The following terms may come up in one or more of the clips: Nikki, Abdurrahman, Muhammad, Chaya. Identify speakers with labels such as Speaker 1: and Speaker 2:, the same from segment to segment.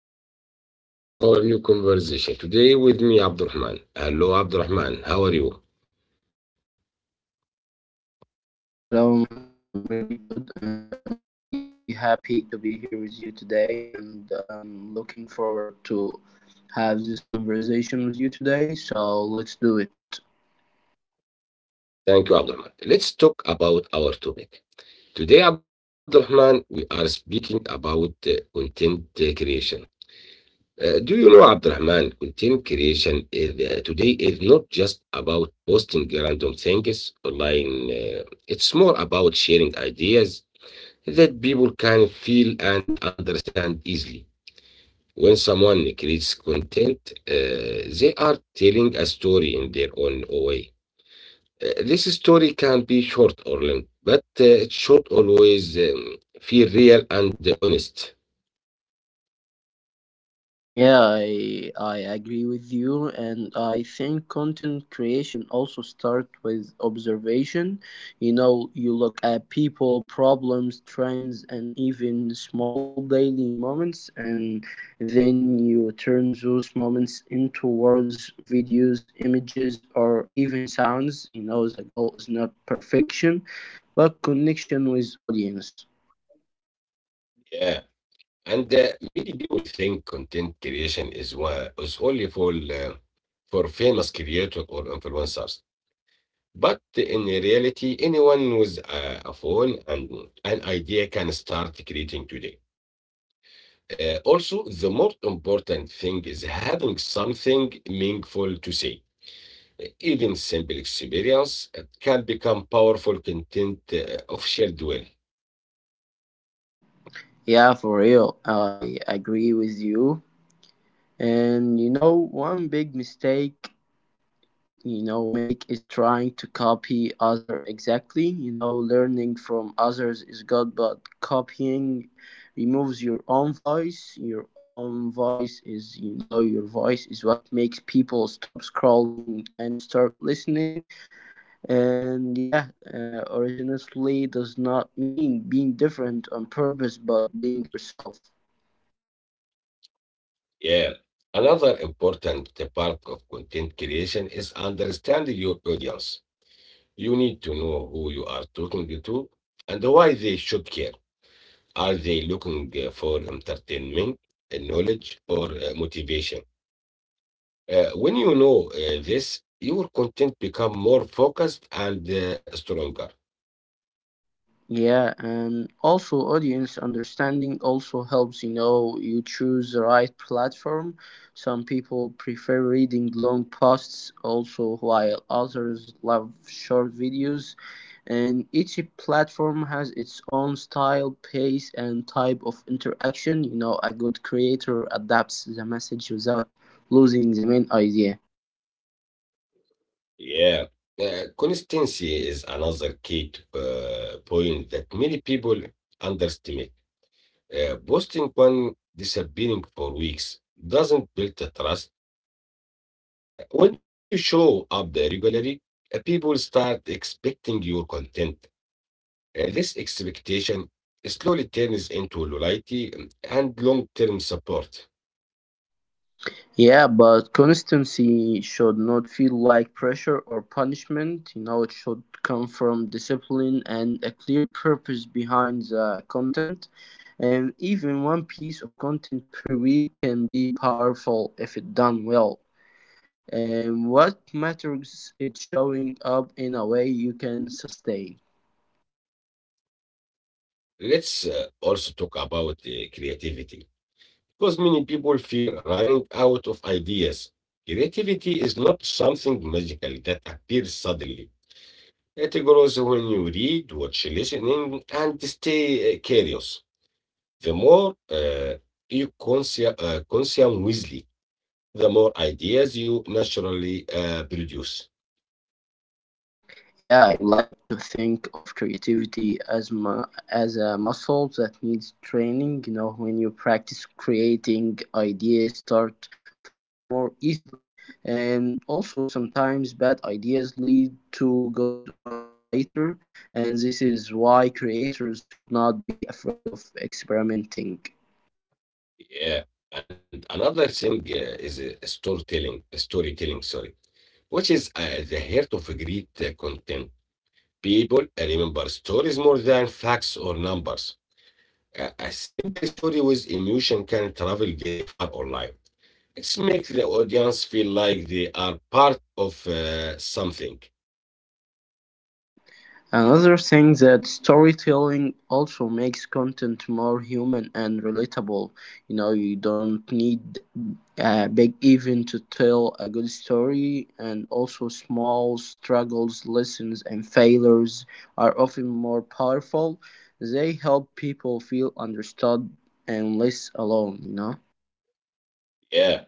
Speaker 1: Hello everyone, welcome to our new conversation. Today with me, Abdurrahman. Hello, Abdurrahman. How are you?
Speaker 2: Hello, Muhammad, I'm really good and I'm really happy to be here with you today. And I'm looking forward to have this conversation with you today. So let's do it.
Speaker 1: Thank you, Abdurrahman. Let's talk about our topic. Today, Abdurrahman, we are speaking about content creation. Do you know, Abdurrahman, content creation today is not just about posting random things online. It's more about sharing ideas that people can feel and understand easily. When someone creates content, they are telling a story in their own way. This story can be short or long, but it should always feel real and honest.
Speaker 2: Yeah, I agree with you, and I think content creation also start with observation. You know, you look at people, problems, trends, and even small daily moments, and then you turn those moments into words, videos, images, or even sounds. You know, the goal is not perfection, but connection with audience.
Speaker 1: Yeah, and many people think content creation is only for famous creators or influencers. But in reality, anyone with a phone and an idea can start creating today. Also, the most important thing is having something meaningful to say. Even simple experience can become powerful content of shared will.
Speaker 2: Yeah, for real, I agree with you. And you know, one big mistake you know make is trying to copy other exactly. You know, learning from others is good, but copying removes your own voice. Your own voice is you know your voice is what makes people stop scrolling and start listening. And yeah, originality does not mean being different on purpose, but being yourself.
Speaker 1: Yeah. Another important part of content creation is understanding your audience. You need to know who you are talking to and why they should care. Are they looking for entertainment, knowledge, or motivation? When you know this, your content become more focused and stronger.
Speaker 2: Yeah, and also audience understanding also helps. You know, you choose the right platform. Some people prefer reading long posts, also, while others love short videos. And each platform has its own style, pace, and type of interaction. You know, a good creator adapts the message without losing the main idea.
Speaker 1: Yeah. Consistency is another key point that many people underestimate. Posting one disappearing for weeks doesn't build the trust. When you show up regularly, people start expecting your content. This expectation slowly turns into loyalty and long term support.
Speaker 2: Yeah, but consistency should not feel like pressure or punishment. You know, it should come from discipline and a clear purpose behind the content. And even one piece of content per week can be powerful if it done well. And what matters is showing up in a way you can sustain.
Speaker 1: Let's also talk about creativity because many people fear running out of ideas. Creativity is not something magical that appears suddenly. It grows when you read, watch, listening, and stay curious. The more consume wisely, the more ideas you naturally produce.
Speaker 2: Yeah, I like to think of creativity as as a muscle that needs training. You know, when you practice creating, ideas start flowing more easily. And also, sometimes bad ideas lead to good ones later. And this is why creators should not be afraid of experimenting.
Speaker 1: Yeah. And another thing is storytelling, which is the heart of a great content. People remember stories more than facts or numbers. A simple story with emotion can travel very far online. It makes the audience feel like they are part of something.
Speaker 2: Another thing that storytelling also makes content more human and relatable. You know, you don't need a big event to tell a good story, and also small struggles, lessons, and failures are often more powerful. They help people feel understood and less alone, you know.
Speaker 1: Yeah.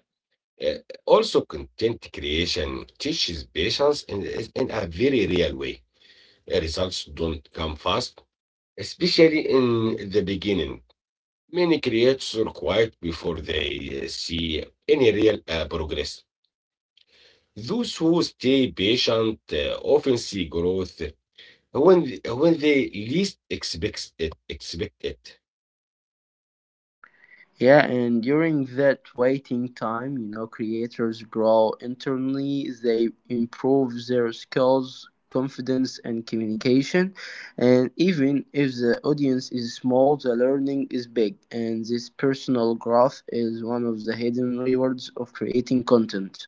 Speaker 1: Uh, also, content creation teaches patience in a very real way. Results don't come fast, especially in the beginning. Many creators are quiet before they see any real progress. Those who stay patient often see growth when they least expect it.
Speaker 2: Yeah, and during that waiting time, you know, creators grow internally, they improve their skills, confidence, and communication. And even if the audience is small, the learning is big. And this personal growth is one of the hidden rewards of creating content.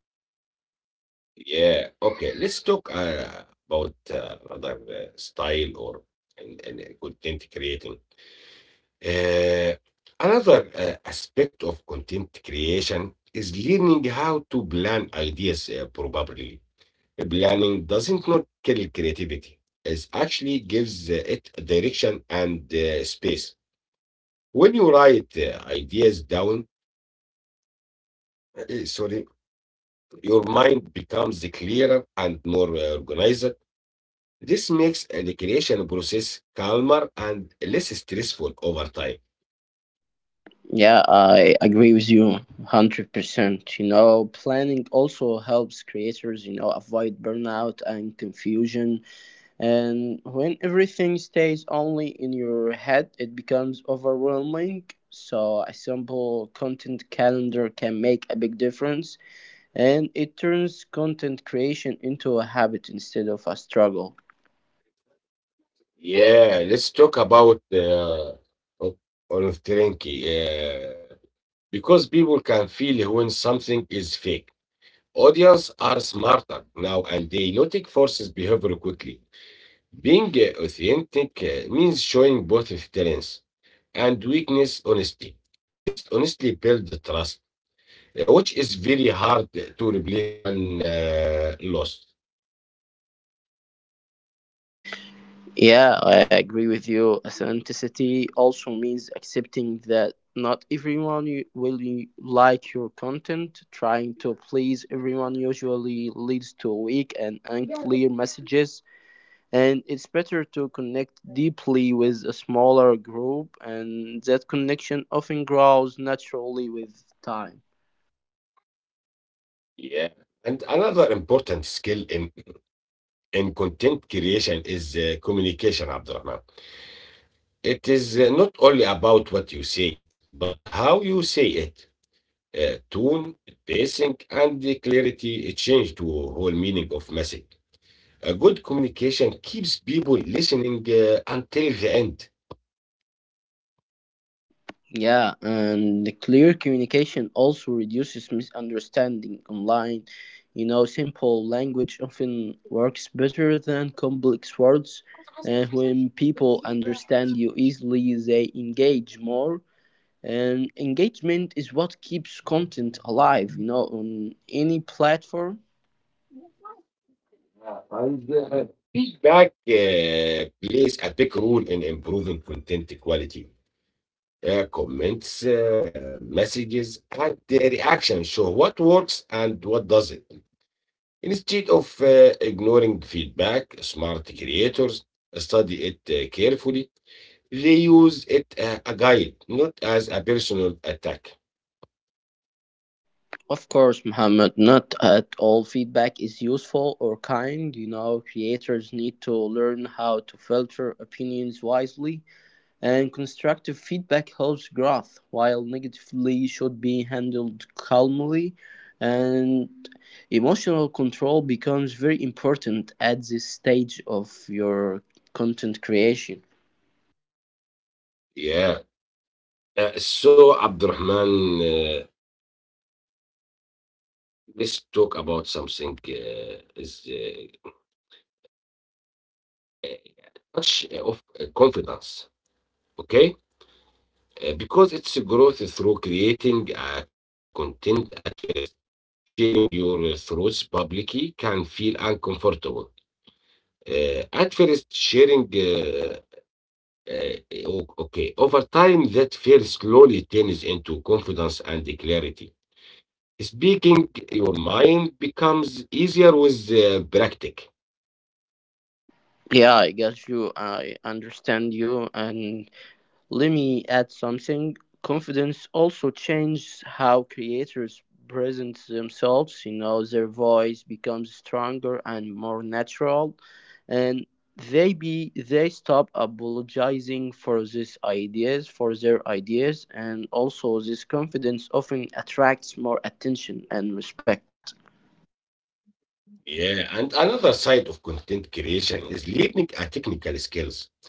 Speaker 1: Yeah. Okay. Let's talk about another style or and content creating. Uh, another aspect of content creation is learning how to plan ideas probably. Planning doesn't not kill creativity. It actually gives it direction and space. When you write ideas down, uh, sorry, your mind becomes clearer and more organized. This makes the creation process calmer and less stressful over time.
Speaker 2: Yeah, I agree with you 100%. You know, planning also helps creators, you know, avoid burnout and confusion. And when everything stays only in your head, it becomes overwhelming. So, a simple content calendar can make a big difference, and it turns content creation into a habit instead of a struggle.
Speaker 1: Yeah, let's talk about of of Trinky. Because people can feel when something is fake. Audience are smarter now and they notice forces behavior quickly. Being authentic means showing both strengths and weakness honestly. This honestly builds the trust, which is very hard to replace one lost.
Speaker 2: Yeah, I agree with you. Authenticity also means accepting that not everyone will like your content. Trying to please everyone usually leads to weak and unclear messages, and it's better to connect deeply with a smaller group, and that connection often grows naturally with time.
Speaker 1: Yeah. And another important skill in content creation is communication, Abdurrahman. It is not only about what you say, but how you say it. Tone, pacing, and the clarity change to whole meaning of message. A good communication keeps people listening until the end.
Speaker 2: Yeah, and the clear communication also reduces misunderstanding online. You know, simple language often works better than complex words, and when people understand you easily, they engage more, and engagement is what keeps content alive, you know, on any platform.
Speaker 1: And, feedback plays a big role in improving content quality. Comments, messages, and the reaction show what works and what doesn't. Instead of ignoring feedback, smart creators study it carefully. They use it a guide, not as a personal attack.
Speaker 2: Of course, Muhammad, not at all feedback is useful or kind. You know, creators need to learn how to filter opinions wisely, and constructive feedback helps growth, while negatively should be handled calmly. And emotional control becomes very important at this stage of your content creation.
Speaker 1: Yeah. So, Abdurrahman, let's talk about something is much of confidence, okay? Because it's growth through creating content at first. Sharing your thoughts publicly can feel uncomfortable. At first, sharing, uh, o- okay, over time, that fear slowly turns into confidence and clarity. Speaking your mind becomes easier with practice.
Speaker 2: Yeah, I got you. I understand you, and let me add something. Confidence also changes how creators present themselves. You know, their voice becomes stronger and more natural, and they stop apologizing for for their ideas, and also this confidence often attracts more attention and respect.
Speaker 1: Yeah, and another side of content creation is learning a technical skills.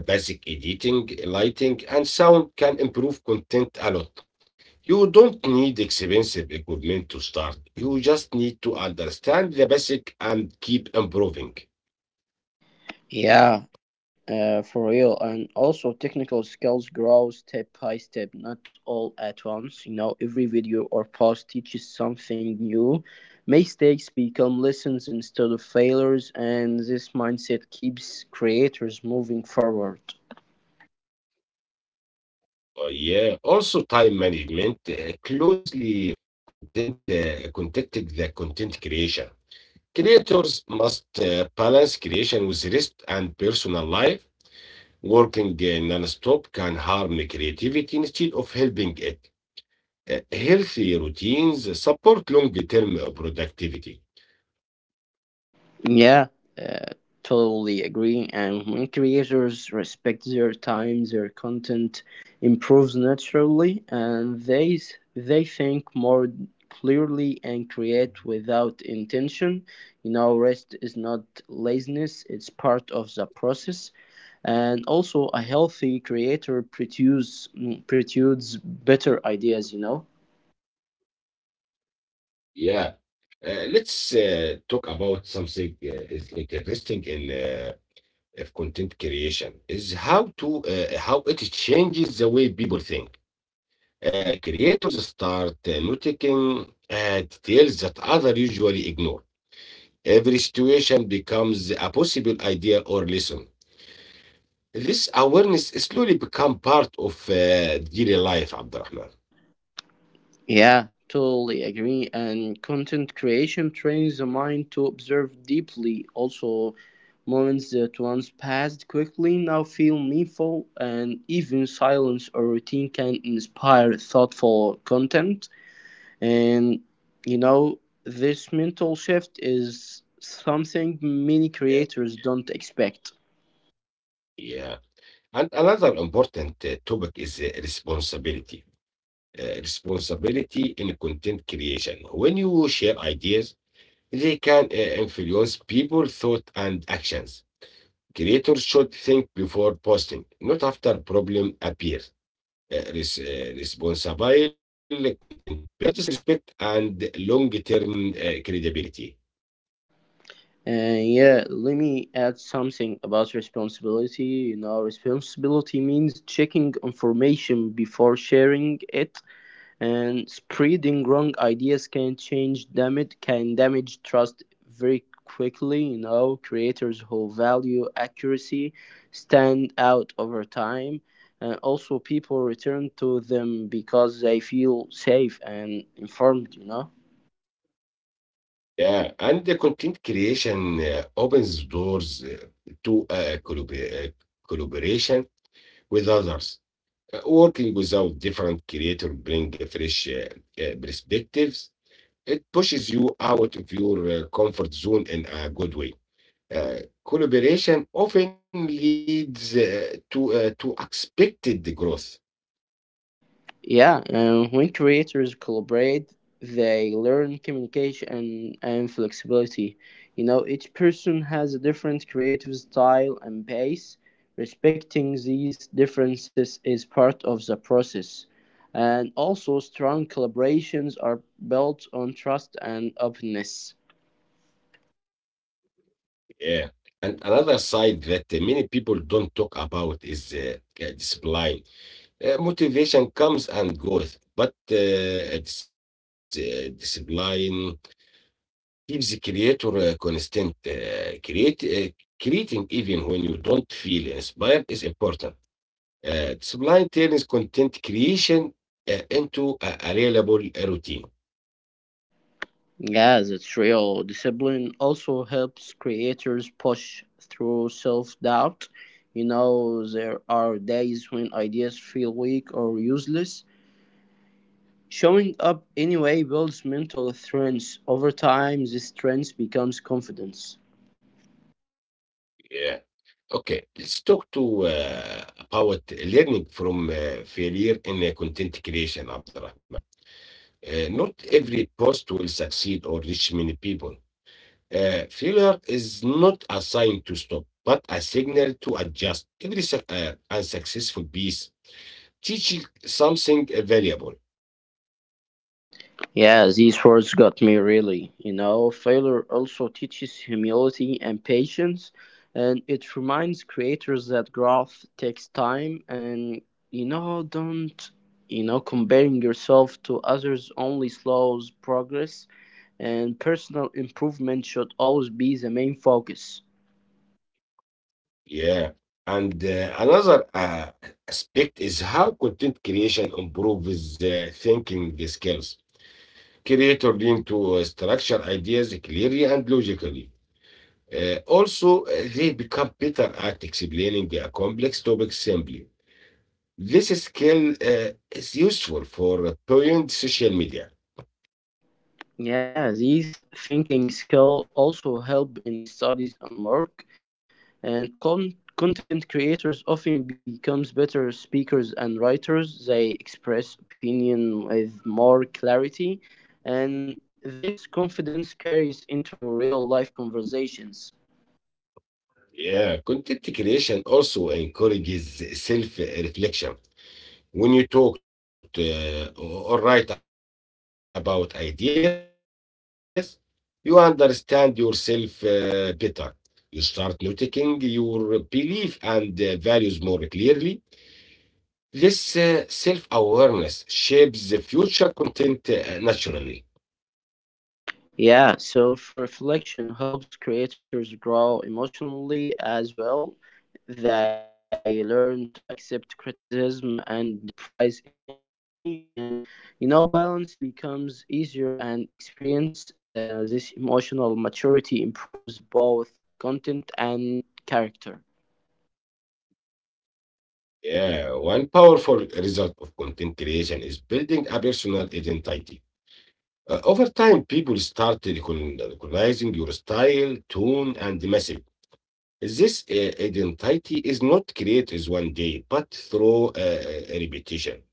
Speaker 1: Basic editing, lighting, and sound can improve content a lot. You don't need expensive equipment to start. You just need to understand the basic and keep improving.
Speaker 2: Yeah, for real. And also, technical skills grow step by step, not all at once. You know, every video or post teaches something new. Mistakes become lessons instead of failures, and this mindset keeps creators moving forward.
Speaker 1: Yeah, also time management closely content contacted the content creation. Creators must balance creation with rest and personal life. Working non-stop can harm creativity instead of helping it. Healthy routines support long-term productivity.
Speaker 2: Yeah, uh, totally agree. And when creators respect their time, their content improves naturally, and they think more clearly and create without intention. You know, rest is not laziness; it's part of the process. And also, a healthy creator produces better ideas. You know.
Speaker 1: Yeah. Let's talk about something is interesting in of content creation is how to how it changes the way people think. Creators start noticing details that other usually ignore. Every situation becomes a possible idea or lesson. This awareness slowly become part of daily life, Abdurrahman.
Speaker 2: Yeah, totally agree. And content creation trains the mind to observe deeply. Also, moments that once passed quickly now feel meaningful, and even silence or routine can inspire thoughtful content. And you know, this mental shift is something many
Speaker 1: Yeah,
Speaker 2: creators don't expect.
Speaker 1: yeah. And another important topic is responsibility. Responsibility in content creation. When you share ideas, they can influence people's thought and actions. Creators should think before posting, not after problem appears. Res- responsible content builds respect and long-term credibility.
Speaker 2: And yeah, let me add something about responsibility. You know, responsibility means checking information before sharing it, and spreading wrong ideas can damage trust very quickly. You know, creators who value accuracy stand out over time, and also people return to them because they feel safe and informed. You know.
Speaker 1: Yeah, and the content creation opens doors to collaboration with others. Working without different creator bring a fresh perspectives. It pushes you out of your comfort zone in a good way. Uh, collaboration often leads to to expected growth.
Speaker 2: Yeah, and when creators collaborate, they learn communication and flexibility. You know, each person has a different creative style and pace. Respecting these differences is part of the process. And also, strong collaborations are built on trust and openness.
Speaker 1: Yeah. And another side that many people don't talk about is discipline. Motivation comes and goes, but discipline keeps the creator constant. Create, creating even when you don't feel inspired is important. Discipline turns content creation into a reliable routine.
Speaker 2: Yes, it's real. Discipline also helps creators push through self doubt. You know, there are days when ideas feel weak or useless. Showing up anyway builds mental strength. Over time, this strength becomes confidence.
Speaker 1: Yeah. Okay, let's talk to about learning from failure in content creation, Abdurrahman. Not every post will succeed or reach many people. Failure is not a sign to stop, but a signal to adjust. Every suc- unsuccessful piece teaches something valuable.
Speaker 2: Yeah, these words got me really. You know, failure also teaches humility and patience, and it reminds creators that growth takes time and, you know, don't, you know, comparing yourself to others only slows progress, and personal improvement should always be the main focus.
Speaker 1: Yeah. And another aspect is how content creation improves thinking skills. Creator lean to structure ideas clearly and logically. Also, they become better at explaining a complex topic simply. This skill is useful for beyond social media.
Speaker 2: Yeah, these thinking skills also help in studies and work, and content creators often becomes better speakers and writers. They express opinion with more clarity, and this confidence carries into real life conversations.
Speaker 1: Yeah, content creation also encourages self-reflection. When you talk to, or write about ideas, you understand yourself better. You start noticing your belief and values more clearly. This self awareness shapes the future content naturally.
Speaker 2: Yeah, self reflection helps creators grow emotionally as well. They learn to accept criticism and the prize equally, and you know, balance becomes easier and experience. This emotional maturity improves both content and character.
Speaker 1: Yeah, one powerful result of content creation is building a personal identity. Over time, people start recognizing your style, tone, and message. This identity is not created as one day, but through repetition.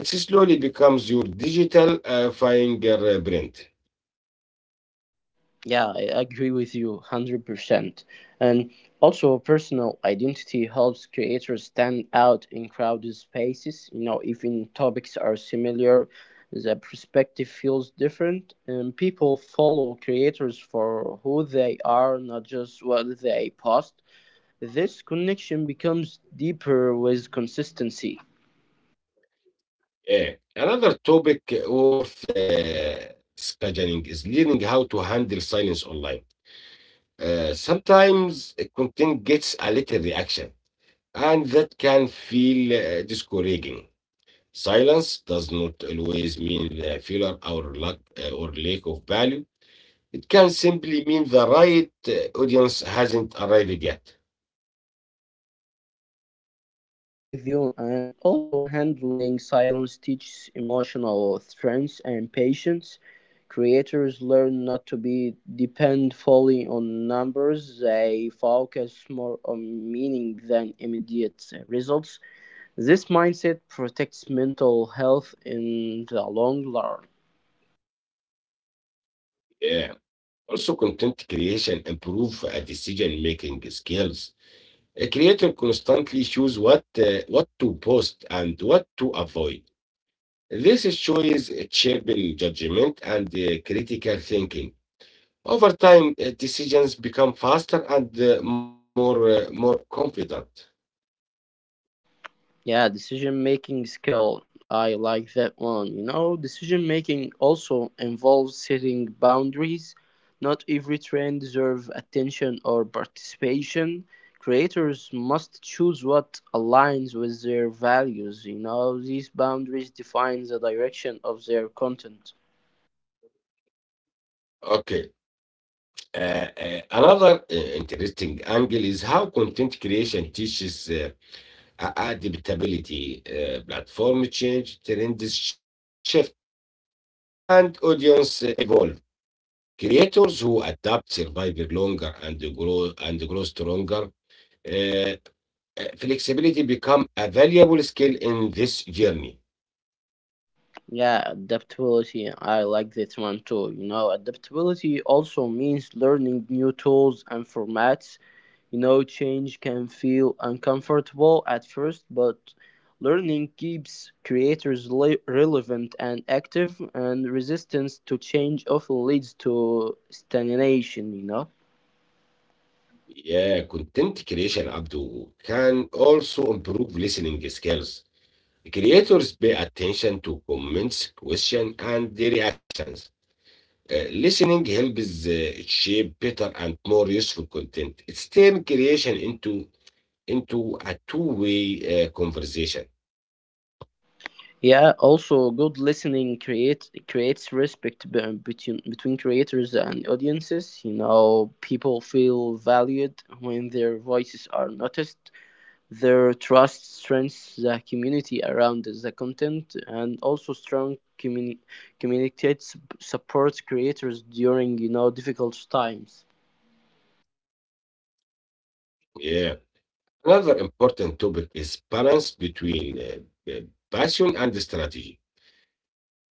Speaker 1: It slowly becomes your digital fingerprint.
Speaker 2: Yeah, I agree with you 100%. And also, personal identity helps creators stand out in crowded spaces. You know, even topics are similar, the perspective feels different, and people follow creators for who they are, not just what they post. This connection becomes deeper with consistency.
Speaker 1: Yeah. Another topic worth scheduling is learning how to handle silence online. Sometimes content gets a little reaction, and that can feel discouraging. Silence does not always mean failure or lack of value. It can simply mean the right audience hasn't arrived yet.
Speaker 2: Yeah, I agree with you. And also, handling silence teaches emotional strength and patience. Creators learn not to be depend fully on numbers. They focus more on meaning than immediate results. This mindset protects mental health in the long run.
Speaker 1: Yeah. Also, content creation improve decision making skills. A creator constantly choose what to post and what to avoid. This choice shaping judgment and critical thinking. Over time, decisions become faster and more confident.
Speaker 2: Yeah, decision making skill. I like that one. You know, decision making also involves setting boundaries. Not every trend deserves attention or participation. Creators must choose what aligns with their values. You know, these boundaries define the direction of their content.
Speaker 1: Okay, another interesting angle is how content creation teaches adaptability. Platform change, trends shift, and audience evolve. Creators who adapt survive longer and grow stronger. Uh, flexibility become a valuable skill in this journey.
Speaker 2: Yeah, adaptability. I like that one too. You know, adaptability also means learning new tools and formats. You know, change can feel uncomfortable at first, but learning keeps creators relevant and active, and resistance to change often leads to stagnation, you know?
Speaker 1: Yeah, content creation, Abdu, can also improve listening skills. Creators pay attention to comments, questions, and the reactions. Listening helps shape better and more useful content. It's turn creation into a two-way conversation.
Speaker 2: Yeah, also good listening creates respect between between creators and audiences. You know, people feel valued when their voices are noticed. Their trust strengthens the community around the content, and also strong communicates supports creators during you know difficult times.
Speaker 1: Yeah. Another important topic is balance between passion and strategy.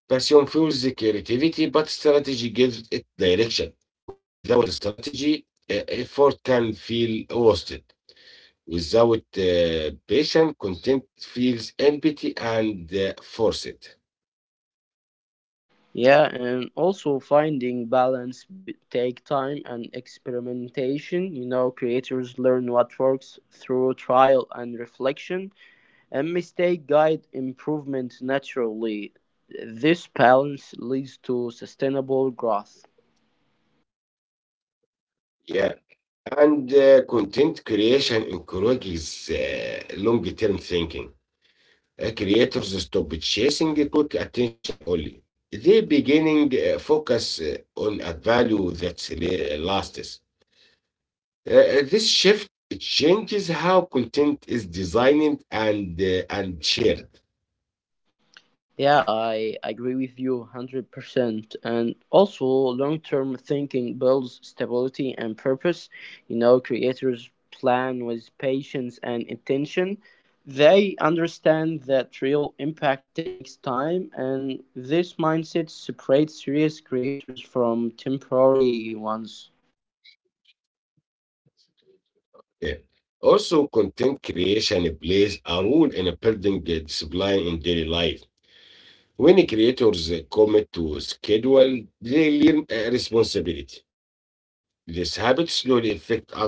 Speaker 1: Passion fuels the creativity, but strategy gives it direction. Without strategy, effort can feel wasted. Without passion, content feels empty and forced.
Speaker 2: Yeah, and also finding balance take time and experimentation. You know, creators learn what works through trial and reflection, and mistake guide improvement naturally. This balance leads to sustainable growth.
Speaker 1: Yeah, and content creation encourages long-term thinking. Creators stop chasing the quick attention only. They beginning focus on a value that lasts. This shift changes how content is designed and shared.
Speaker 2: Yeah, I agree with you 100%. And also, long term thinking builds stability and purpose. You know, creators plan with patience and intention. They understand that real impact takes time, and this mindset separates serious creators from temporary ones.
Speaker 1: Yeah. Also, content creation plays a role in building discipline in daily life. When creators commit to schedule, they learn responsibility. This habit slowly affect other areas,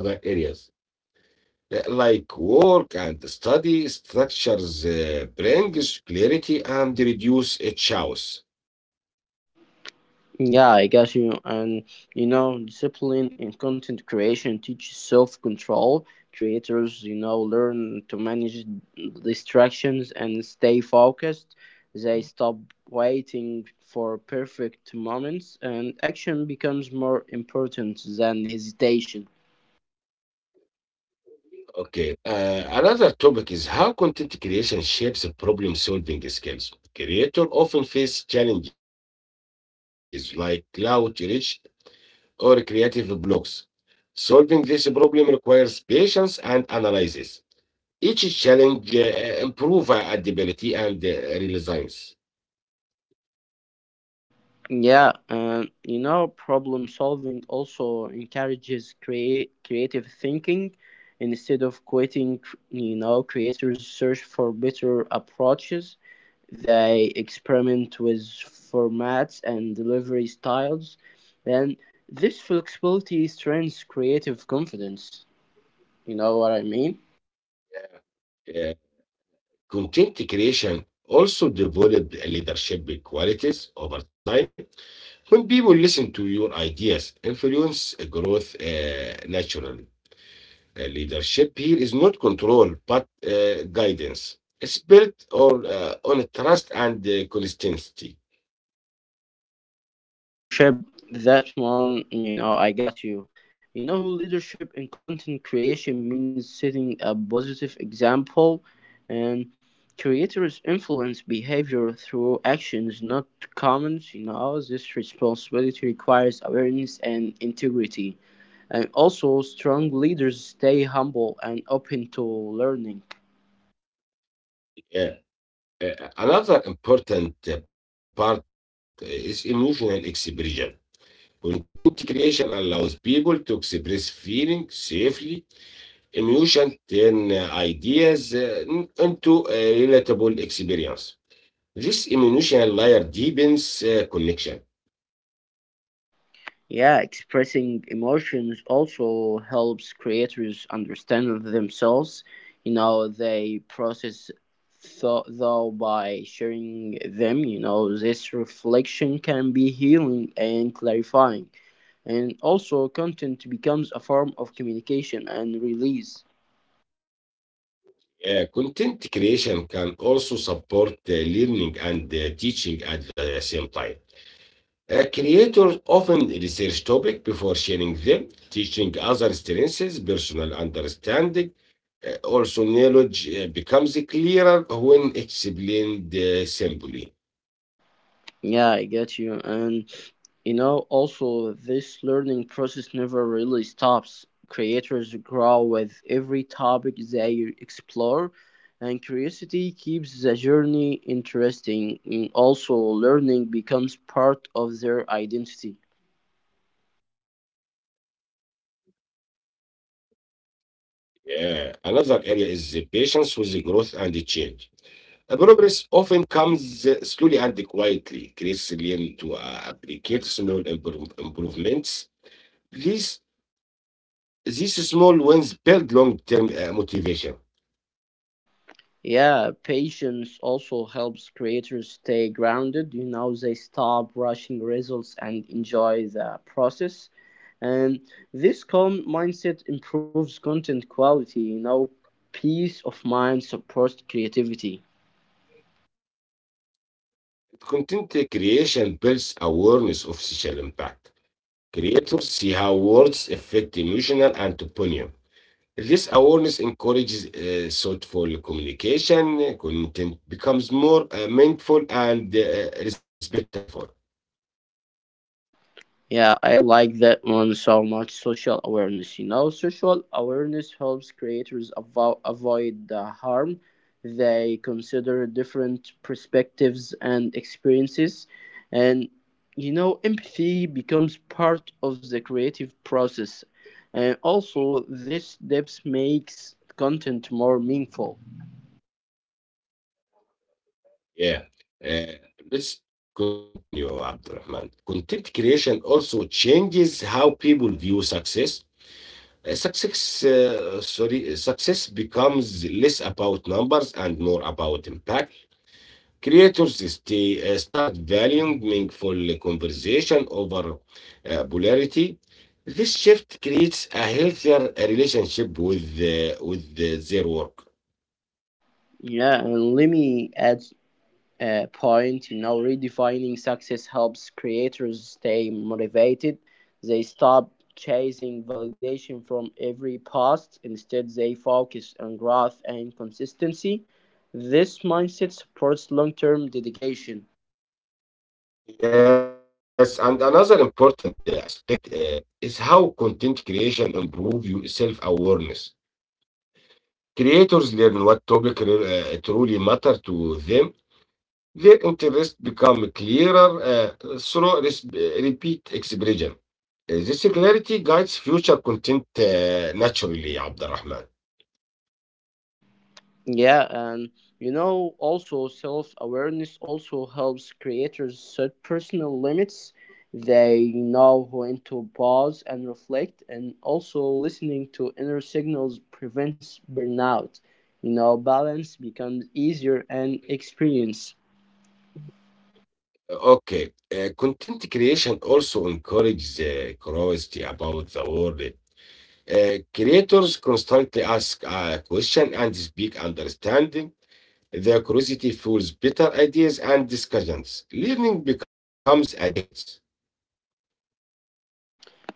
Speaker 1: like work and study structures brings clarity and reduce chaos.
Speaker 2: Yeah, I got you. And you know, discipline in content creation teaches self control. Creators, you know, learn to manage distractions and stay focused. They stop waiting for perfect moments, and action becomes more important than hesitation.
Speaker 1: Okay. Another topic is how content creation shapes problem solving skills. Creators often face challenges like cloud reach or creative blocks. Solving this problem requires patience and analysis. Each challenge improve our ability and resilience.
Speaker 2: Yeah, and you know, problem solving also encourages create creative thinking instead of quitting. You know, creators search for better approaches. They experiment with formats and delivery styles, and this flexibility strengthens creative confidence. You know what I mean?
Speaker 1: Uh, content creation also develop leadership qualities over time. When people listen to your ideas, influence growth naturally. Leadership here is not control, but guidance. It's built on on trust and consistency.
Speaker 2: Yeah, leadership. That one, you know, I got you. You know, leadership in content creation means setting a positive example, and creators influence behavior through actions, not comments. You know, this responsibility requires awareness and integrity. And also, strong leaders stay humble and open to learning.
Speaker 1: Uh, Another important part is emotional expression. Content creation allows people to express feelings safely. Emotion turn ideas into a relatable experience. This emotional layer deepens connection.
Speaker 2: Yeah, expressing emotions also helps creators understand themselves. You know, they process thought though by sharing them. You know, this reflection can be healing and clarifying. And also, content becomes a form of communication and release.
Speaker 1: Content creation can also support learning and teaching at the same time. Creators often research topic before sharing them, teaching other strengths, personal understanding. Also, knowledge becomes clearer when explained simply.
Speaker 2: Yeah, I get you. And you know, also, this learning process never really stops. Creators grow with every topic they explore, and curiosity keeps the journey interesting. And also, learning becomes part of their identity.
Speaker 1: Yeah, another area is the patience with the growth and the change. Progress often comes slowly and quietly. Creates learn to applicate small improvements. These, these small wins build long term motivation.
Speaker 2: Yeah, patience also helps creators stay grounded. You know, they stop rushing results and enjoy the process, and this calm mindset improves content quality. You know, peace of mind supports creativity.
Speaker 1: Content creation builds awareness of social impact. Creators see how words affect emotional and opinion. This awareness encourages thoughtful communication. Content becomes more mindful and respectful.
Speaker 2: Yeah, I like that one so much. Social awareness. You know, social awareness helps creators avoid the harm. They consider different perspectives and experiences. And, you know, empathy becomes part of the creative process. And also, this depth makes content more meaningful.
Speaker 1: Yeah. Uh, let's continue, Abdurrahman. Content creation also changes how people view success. Success, sorry, success becomes less about numbers and more about impact. Creators start valuing meaningful conversation over polarity. This shift creates a healthier relationship with their work.
Speaker 2: Yeah, and let me add point. You know, redefining success helps creators stay motivated. They stop chasing validation from every post. Instead, they focus on growth and consistency. This mindset supports long term dedication.
Speaker 1: Yes, and another important aspect is how content creation improve your self-awareness. Creators learn what topic truly matter to them. Their interests become clearer through repeat expression. This clarity guides future content naturally, Abdurrahman.
Speaker 2: Yeah, and you know, also self awareness also helps creators set personal limits. They know when to pause and reflect, and also listening to inner signals prevents burnout. You know, balance becomes easier and experience.
Speaker 1: Okay, content creation also encourages curiosity about the world. Creators constantly ask a question and speak understanding. Their curiosity fuels better ideas and discussions. Learning becomes a daily habit.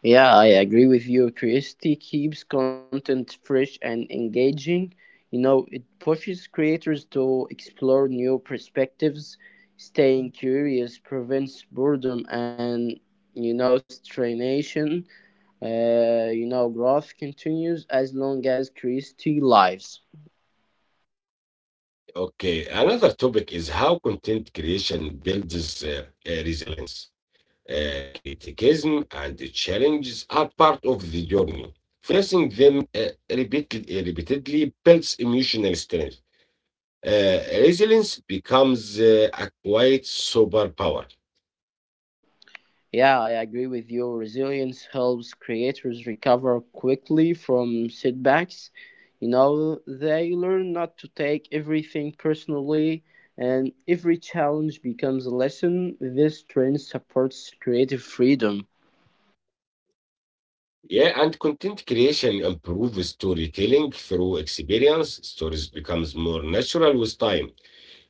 Speaker 2: Yeah, I agree with you. Curiosity keeps content fresh and engaging. You know, it pushes creators to explore new perspectives. Staying curious prevents boredom and, you know, stagnation. You know, growth continues as long as curiosity lives.
Speaker 1: Okay, another topic is how content creation builds resilience. Criticism and the challenges are part of the journey. Facing them repeatedly builds emotional strength. Resilience becomes a quiet superpower.
Speaker 2: Yeah, I agree with you. Resilience helps creators recover quickly from setbacks. You know, they learn not to take everything personally, and every challenge becomes a lesson. This trend supports creative freedom.
Speaker 1: Yeah, and content creation improves storytelling through experience. Stories becomes more natural with time.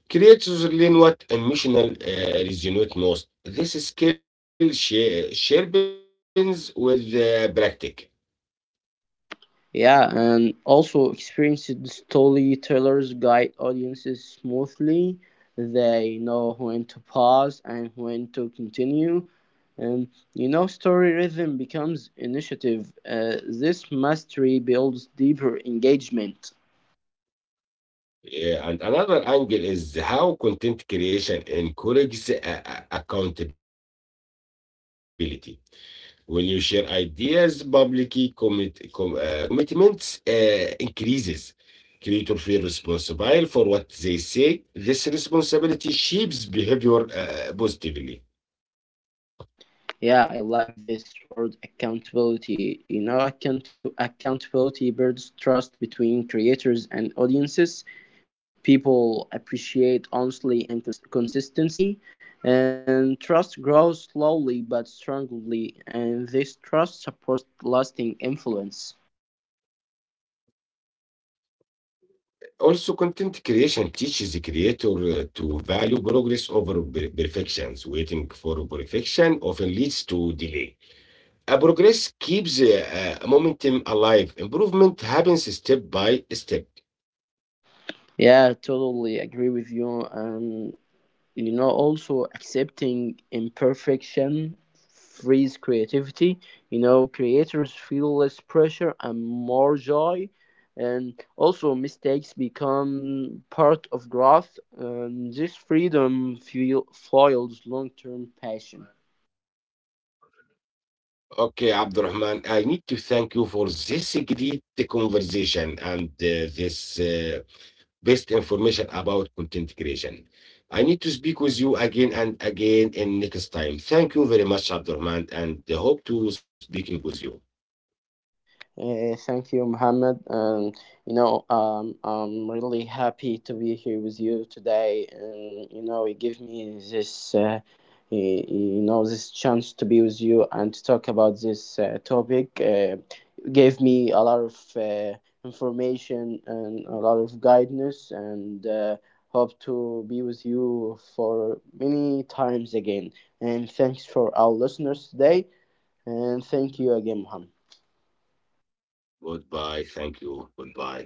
Speaker 1: Creators learn what emotional resonate most. This skill sharpens with practice.
Speaker 2: Yeah, and also experienced storytellers guide audiences smoothly. They know when to pause and when to continue. Um, you know, story rhythm becomes initiative. This mastery builds deeper engagement.
Speaker 1: Yeah, and another angle is how content creation encourages accountability. When you share ideas publicly, commitments increases. Creators feel responsible for what they say. This responsibility shapes behavior positively.
Speaker 2: Yeah, I like this word accountability. You know, accountability builds trust between creators and audiences. People appreciate honesty and consistency, and trust grows slowly but strongly, and this trust supports lasting influence.
Speaker 1: Also, content creation teaches the creator to value progress over perfections. Waiting for perfection often leads to delay. A progress keeps momentum alive. Improvement happens step by step.
Speaker 2: Yeah, totally agree with you. You know, also accepting imperfection frees creativity. You know, creators feel less pressure and more joy, and also mistakes become part of growth, and this freedom fuel foils long-term passion.
Speaker 1: Okay, Abdurrahman, I need to thank you for this great conversation and this best information about content creation. I need to speak with you again and again in next time. Thank you very much, Abdurrahman, and hope to speaking with you.
Speaker 2: Thank you, Mohammed. And you know, I'm really happy to be here with you today. And you know, it gave me this, you know, this chance to be with you and to talk about this topic. Gave me a lot of information and a lot of guidance, and hope to be with you for many times again. And thanks for our listeners today. And thank you again, Mohammed.
Speaker 1: Goodbye. Thank you. Goodbye.